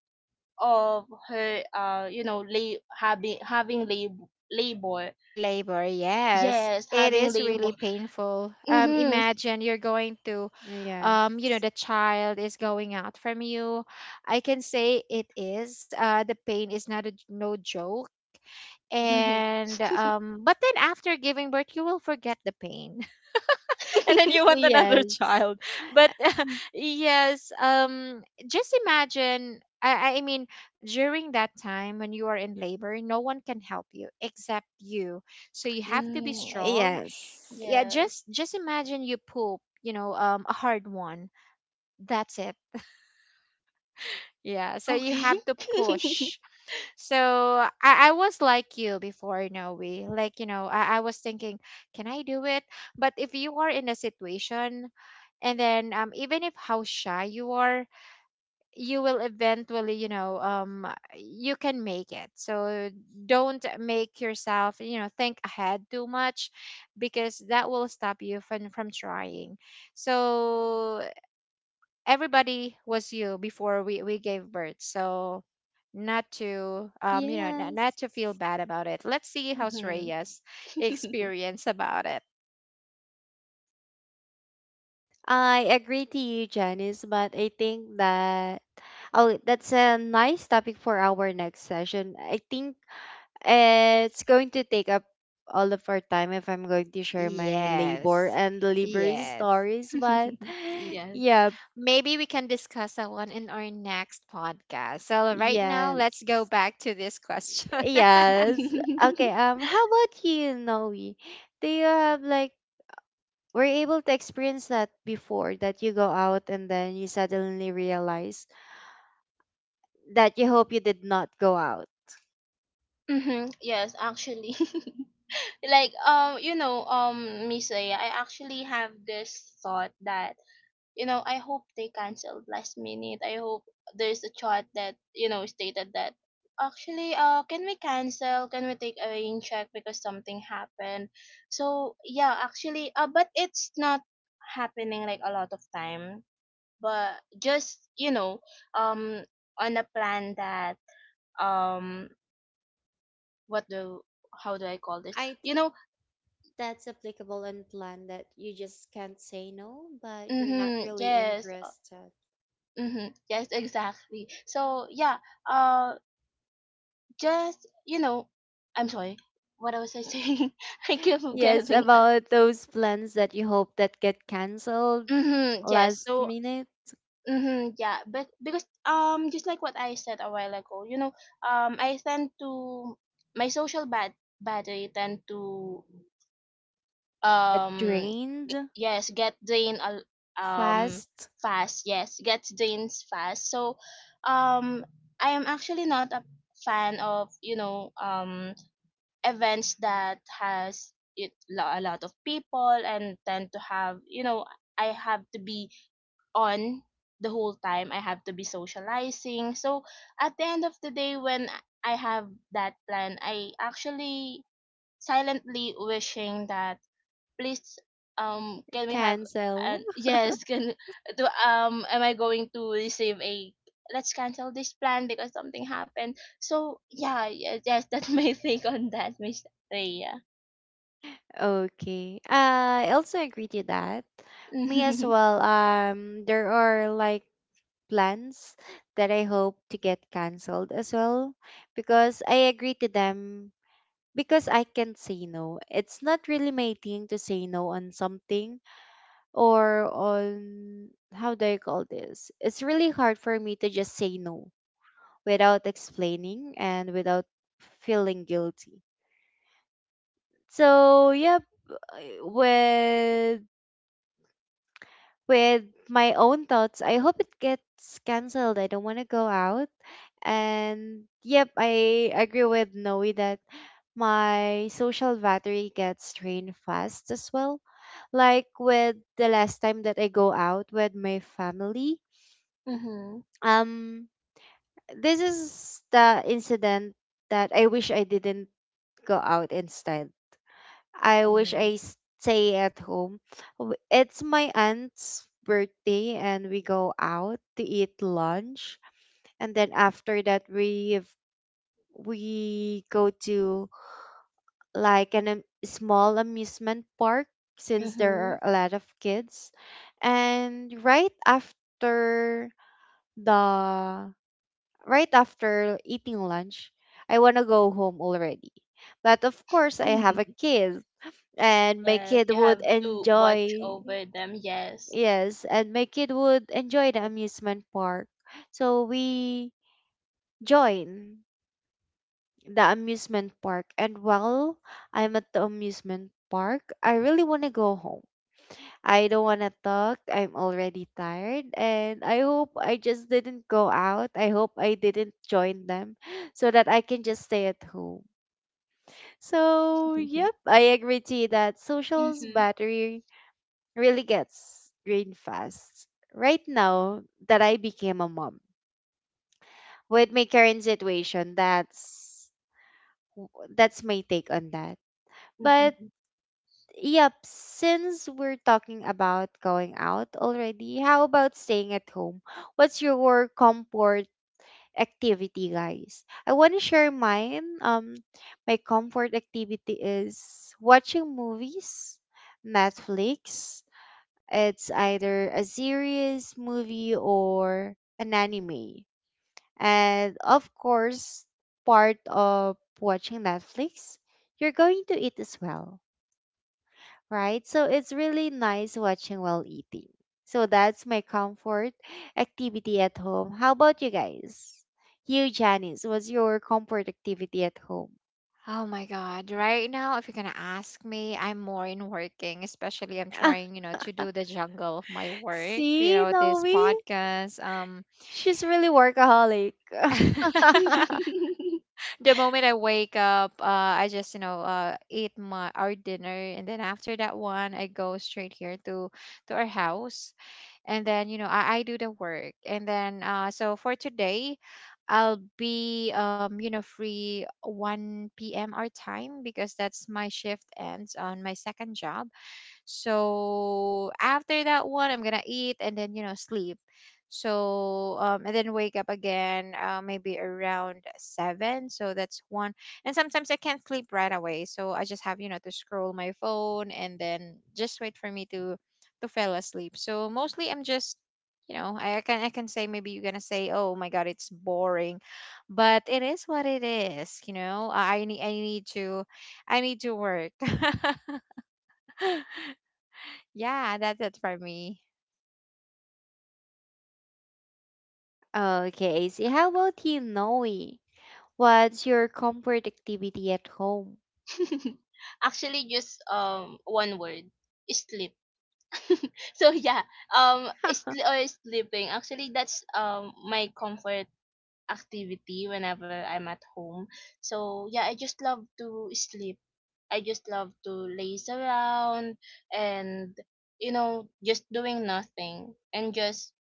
B: of her, having labor.
C: Labor, yes.
B: Yes,
C: It
B: having
C: is really
B: labor.
C: painful.
B: Mm-hmm.
C: Imagine you're going to, you know,
A: Yes.
C: the child is going out from you. I can say it is. The pain is not no joke. And but then after giving birth, you will forget the pain and then you want another
A: Yes.
C: child. But yes, just imagine, I mean, during that time when you are in labor, no one can help you except you, so you have to be
B: Mm,
C: strong.
A: Yes.
C: Yeah,
B: yes.
C: just imagine you poop, you know, a hard one. That's it. Yeah, so you
B: Okay.
C: have to push. So I was like you before, no way. Like, you know, I was thinking, can I do it? But if you are in a situation and then even if how shy you are, you will eventually, you know, you can make it. So don't make yourself, you know, think ahead too much because that will stop you from trying. So everybody was you before we gave birth, so not to, you know, not
A: Yes.
C: to feel bad about it. Let's see how's
B: Mm-hmm.
C: Rhea's experience about it.
A: I agree to you, Janice, but I think that oh, that's a nice topic for our next session. I think it's going to take up all of our time if I'm going to share my labor
C: Yes.
A: and delivery
C: Yes.
A: stories, but
C: Y-
B: Yes.
A: yeah,
C: Maybe we can discuss that one in our next podcast, so right now let's go
A: yes.
C: back to this question.
A: Yes. Okay, how about you, Noe? Do you have like were you able to experience that before that you go out and then you suddenly realize that you hope you did not go out?
B: Mm-hmm. Yes, actually. Like, Miss Leia, I actually have this thought that, I hope they canceled last minute. I hope there's a chart that, stated that, actually, can we cancel? Can we take a rain check because something happened? So yeah, actually, but it's not happening like a lot of time. But just, um on a plan that, um what do how do I call this?
A: I
B: You
A: think
B: know,
A: that's applicable in plan that you just can't say no, but you're not
B: mm-hmm.
A: really
B: Yes,
A: interested.
B: mm-hmm. Yes, exactly. So yeah, uh just, I'm sorry, what was I saying? I keep
A: Yes,
B: forgetting.
A: about those plans that you hope that get canceled
B: Mm-hmm, yes.
A: last
B: So,
A: minute,
B: mm-hmm, yeah. But because, just like what I said a while ago, I tend to, my social battery tend to,
A: get
B: um,
A: drained
B: yes, get drained, um
A: fast,
B: fast. Yes, gets drained fast. So, um, I am actually not a fan of, events that has a lot of people, and tend to have, I have to be on the whole time. I have to be socializing. So at the end of the day, when I have that plan, I actually silently wishing that, please, can we have
A: cancel.
B: an, yes, can do, am I going to receive a, let's cancel this plan because something happened. So yeah, yes, yes, that's my take on that, Miss Rhea.
A: Okay. I also agree to that. Me as
B: Mm-hmm.
A: well. There are like plans that I hope to get canceled as well because I agree to them because I can not say no. It's not really my thing to say no on something, or on how do I call this? It's really hard for me to just say no without explaining and without feeling guilty. So, yep, uh, with with my own thoughts. I hope it gets cancelled. I don't want to go out. And yep, I agree with Noe that my social battery gets drained fast as well. Like with the last time that I go out with my family. Um, this is the incident that I wish I didn't go out. Instead, I wish I
B: Oh.
A: stay at home. It's my aunt's birthday, and we go out to eat lunch, and then after that we have- we go to like an small amusement park since there
B: Mm-hmm.
A: are a lot of kids. And right after the right after eating lunch, I want to go home already, but of course I have a kid, and my
B: Yes,
A: kid
B: you
A: would
B: have to watch
A: enjoy
B: over them. Yes.
A: yes and my kid would enjoy the amusement park. So we join the amusement park, and while I'm at the amusement park, I really want to go home. I don't want to talk, I'm already tired, and I hope I just didn't go out. I hope I didn't join them. So that I can just stay at home. So yep, I agree to you that social's
B: Mm-hmm.
A: battery really gets drained fast. Right now that I became a mom, with my current situation, that's my take on that. But
B: Mm-hmm.
A: yep, since we're talking about going out already, how about staying at home? What's your comfort activity, guys? I want to share mine. My comfort activity is watching movies, Netflix. It's either a series, movie, or an anime. And of course, part of watching Netflix, you're going to eat as well, right? So it's really nice watching while eating. So that's my comfort activity at home. How about you guys? You, Janice, what's your comfort activity at home?
C: Oh my God. Right now, if you're gonna ask me, I'm more in working, especially I'm trying, you know, to do the jungle of my work, you
A: See,
C: know, this
A: Noe?
C: podcast.
A: She's really workaholic.
C: The moment I wake up, I just, you know, eat my our dinner, and then after that one I go straight here to our house, and then, you know, I do the work. And then so for today I'll be, you know, free 1 p.m. our time because that's my shift ends on my second job. So after that one, I'm gonna eat and then, you know, sleep. So and then wake up again, maybe around seven. So that's one. And sometimes I can't sleep right away, so I just have, you know, to scroll my phone and then just wait for me to fall asleep. So mostly I'm just, you know, I can, I can say maybe you're gonna say, "Oh my god, it's boring," but it is what it is. You know, I need to, I need to work. Yeah, that's it for me.
A: Okay, see, how about you, Noe? What's your comfort activity at home?
B: Actually, just one word: sleep. So yeah, or sleeping, actually that's my comfort activity whenever I'm at home. So yeah, I just love to sleep. I just love to laze around, and, just doing nothing, and just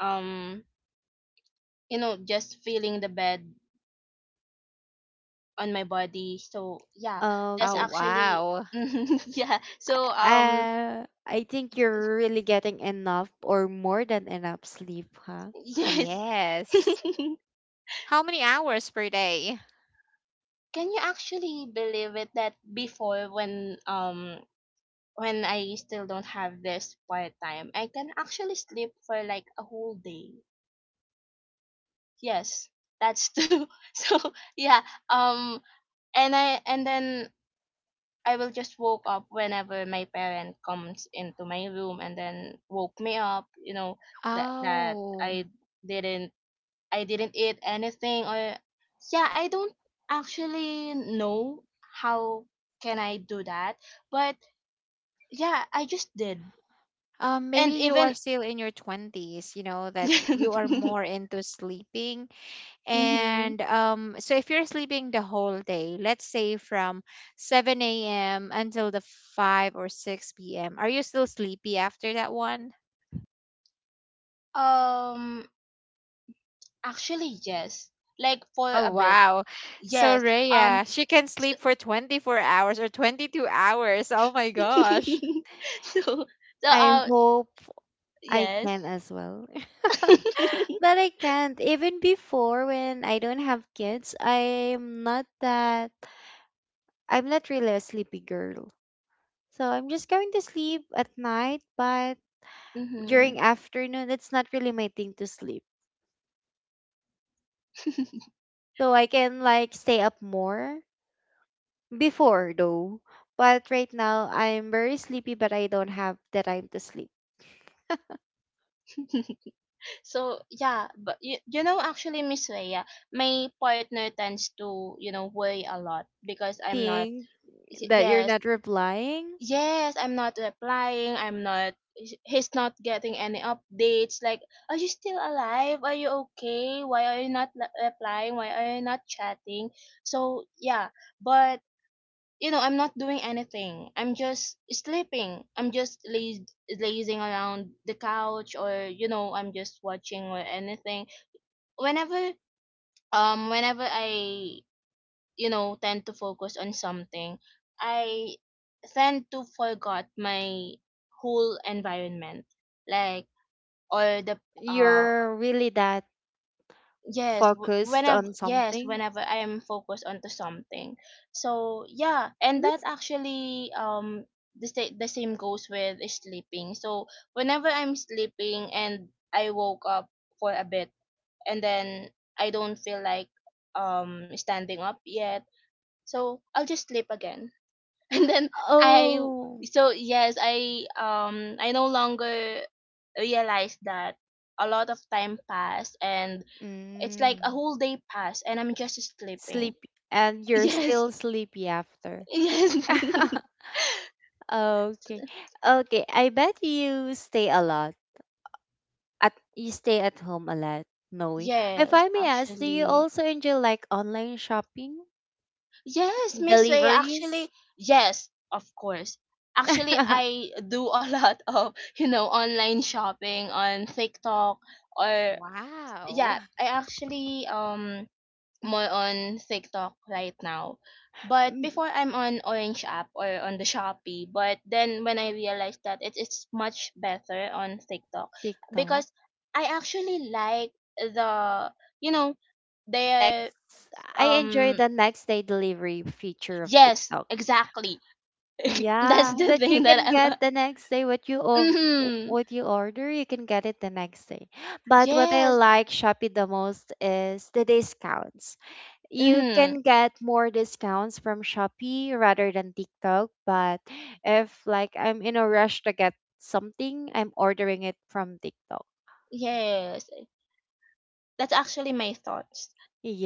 B: um you know just feeling the bed on my body. So yeah. That's
C: Oh,
A: Okay.
B: actually
C: wow.
B: yeah. So
A: I think you're really getting enough or more than enough sleep, huh?
B: yes.
C: Yes. How many hours per day?
B: Can you actually believe it that before, when when I still don't have this part time, I can actually sleep for like a whole day. Yes, that's true. So yeah, and then I will just woke up whenever my parent comes into my room and then woke me up, that
C: Oh,
B: didn't I didn't eat anything, or yeah, I don't actually know how can I do that, but yeah, I just did.
C: maybe
B: And
C: you are
B: even
C: still in your 20s, you know, that you are more into sleeping.
B: hmm
C: And so if you're sleeping the whole day, let's say from 7 a.m. until the 5 or 6 p.m., are you still sleepy after that one?
B: um actually, yes. Like for
C: Oh,
B: a bit.
C: wow. So
B: Yes. Um
C: Rhea, she can
B: so
C: sleep for 24 hours or 22 hours. Oh my gosh.
B: so,
A: I
B: uh
A: hope I can
B: yes.
A: as well. But I can't. Even before when I don't have kids, I'm not that I'm not really a sleepy girl. So I'm just going to sleep at night, but during
B: Mhm.
A: afternoon it's not really my thing to sleep. So I can like stay up more before though, but right now I'm very sleepy, but I don't have the time to sleep.
B: So yeah, but you know actually, Miss Leia, my partner tends to, worry a lot because I'm not,
A: Think that you're
B: yes,
A: not replying,
B: yes, I'm not replying. I'm not, he's not getting any updates, like, are you still alive, are you okay, why are you not replying, why are you not chatting. So yeah, but, I'm not doing anything. I'm just sleeping. I'm just lazing around the couch, or, I'm just watching or anything. Whenever, whenever I, tend to focus on something, I tend to forget my whole environment, like, or the, uh
A: you're really that
B: yes, w-
A: focused
B: whenever
A: on
B: yes,
A: something.
B: whenever I'm focused onto something. So yeah, and that
A: That's
B: actually, the same goes with sleeping. So whenever I'm sleeping, and I woke up for a bit, and then I don't feel like standing up yet. So I'll just sleep again. And then I
A: oh,
B: so, yes, I no longer realize that a lot of time passed, and it's like a
A: mm,
B: whole day passed, and I'm just sleeping.
A: sleepy, and you're
B: Yes.
A: still sleepy after.
B: Yes.
A: Okay. Okay. I bet you stay a lot. At you stay at home a lot, Noe. If
B: Yes,
A: I may ask, do you
B: actually.
A: also enjoy like online shopping?
B: Yes, Miss Way,
A: Deliveries?
B: actually, yes, of course. Actually, I do a lot of, online shopping on TikTok, or
C: Wow.
B: yeah, I actually more on TikTok right now. But
A: Mm,
B: before, I'm on Orange app or on the Shopee, but then when I realized that it is much better on TikTok,
A: TikTok.
B: because I actually like the, you know, their
A: Next, I enjoy
B: um
A: the next day delivery feature of
B: yes,
A: TikTok.
B: exactly. That's
A: Yeah,
B: the
A: that you
B: thing that
A: can
B: I'm.
A: get the next day what you of
B: Mm-hmm.
A: what you order, you can get it the next day. But what I
B: Yes.
A: like Shopee the most is the discounts. You
B: Mm-hmm.
A: can get more discounts from Shopee rather than TikTok, but if like I'm in a rush to get something, I'm ordering it from TikTok.
B: Yes, that's actually my thoughts.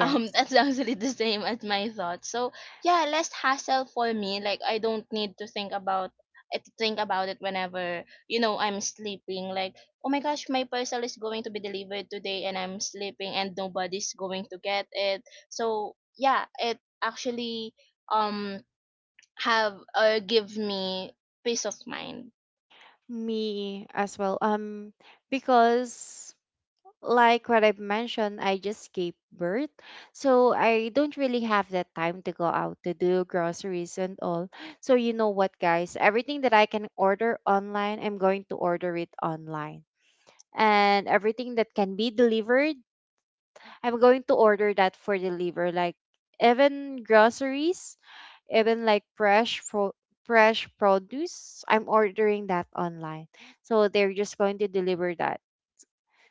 B: That's actually the same as my thoughts. So yeah, less hassle for me. Like, I don't need to think about it whenever, I'm sleeping. Like, oh my gosh, my parcel is going to be delivered today, and I'm sleeping, and nobody's going to get it. So yeah, it actually, um have give me peace of mind.
A: Me as well. Because like what I've mentioned, I just gave birth, so I don't really have that time to go out to do groceries and all. So you know what, guys, everything that I can order online, I'm going to order it online. And everything that can be delivered, I'm going to order that for deliver. Like, even groceries, even like fresh fresh produce, I'm ordering that online. So they're just going to deliver that,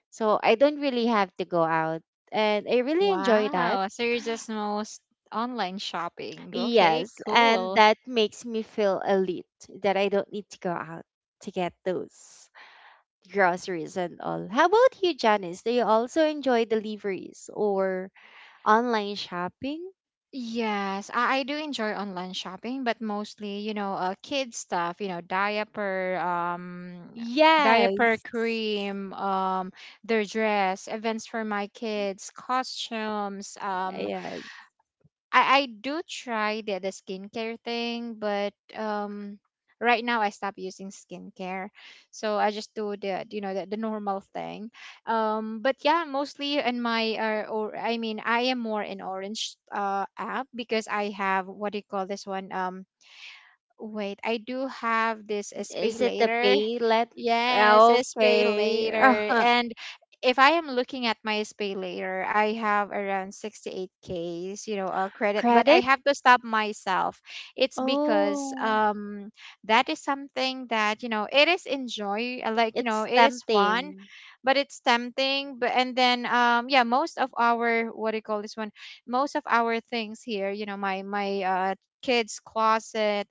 A: so I don't really have to go out, and I really enjoy that.
C: Wow, so you're just most online shopping. Okay,
A: Yes, and
C: cool.
A: that makes me feel elite that I don't need to go out to get those groceries and all. How about you, Janice, do you also enjoy deliveries or online shopping?
C: Yes, I do enjoy online shopping, but mostly, you know, kids stuff, you know, diaper, diaper
A: Yes.
C: cream, their dress, events for my kids, costumes,
A: Yes.
C: I do try the skincare thing, but right now I stopped using skincare. So I just do the, you know, the normal thing. But yeah, mostly in my or I mean I am more in Orange app because I have what do you call this one? Wait, I do have this SPay
A: Is it the
C: later.
A: pay let?
C: Yes, SPay
A: Okay.
C: later. And if I am looking at my SPay later, I have around 68 Ks, you know, credit, but I
A: Credit?
C: have to stop myself. It's because
A: Oh,
C: that is something that, you know, it is enjoy, like, you know,
A: it's
C: it is fun,
A: tempting.
C: but it's tempting. But and then yeah, most of our what do you call this one? Most of our things here, you know, my kids' closet,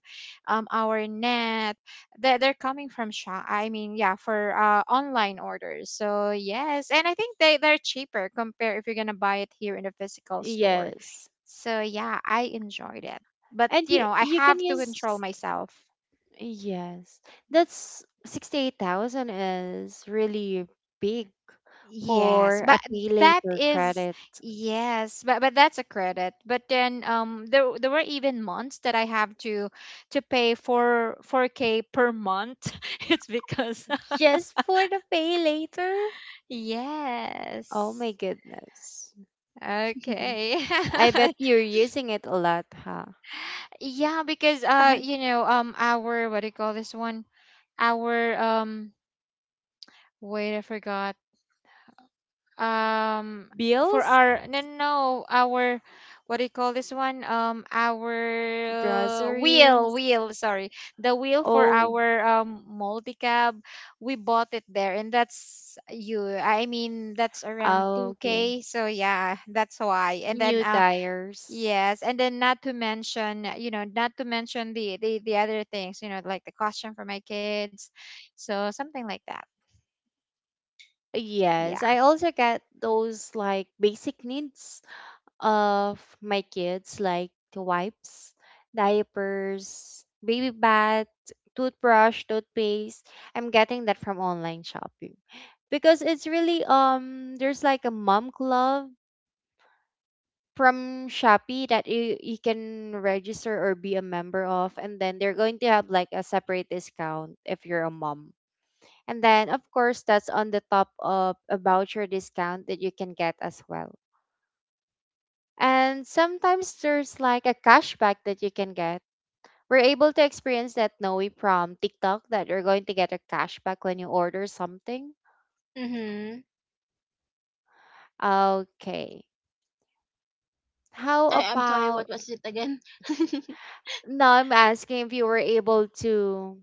C: our net. They're coming from shop. I mean, yeah, for online orders. So yes, and I think they they're cheaper compared if you're gonna buy it here in a physical store.
A: Yes.
C: So yeah, I enjoyed it. But
A: And
C: you
A: you
C: know, I
A: you can
C: have to control
A: use
C: myself.
A: yes. That's 68,000 is really big
C: Yes,
A: for
C: but
A: a pay
C: that
A: later
C: is
A: credit.
C: yes, but that's a credit. But then there there were even months that I have to pay for 4K per month. It's because
A: Just for the pay later? Oh my
C: yes.
A: goodness.
C: Okay.
A: I bet you're using it a lot, huh?
C: Yeah, because you know, our what do you call this one? Our wait, I forgot. Um, for
A: Bills,
C: our no, our what do you call this one? Our
A: groceries.
C: wheel. Sorry, the wheel for
A: Oh,
C: our multi cab. We bought it there, and that's you. I mean, that's around
A: oh,
C: two
A: okay.
C: k. So yeah, that's why. And then
A: New
C: uh.
A: tires.
C: Yes, and then not to mention, you know, not to mention the the other things, you know, like the costume for my kids. So something like that.
A: Yes,
C: Yeah.
A: I also get those like basic needs of my kids, like the wipes, diapers, baby bath, toothbrush, toothpaste. I'm getting that from online shopping because it's really there's like a mom club from Shopee that you can register or be a member of, and then they're going to have like a separate discount if you're a mom. And then, of course, that's on the top of a voucher discount that you can get as well. And sometimes there's like a cashback that you can get. We're able to experience that Noe from TikTok that you're going to get a cashback when you order something.
B: Mm-hmm.
A: Okay. How
B: I'm sorry,
A: about
B: what was it again?
A: now I'm asking if you were able to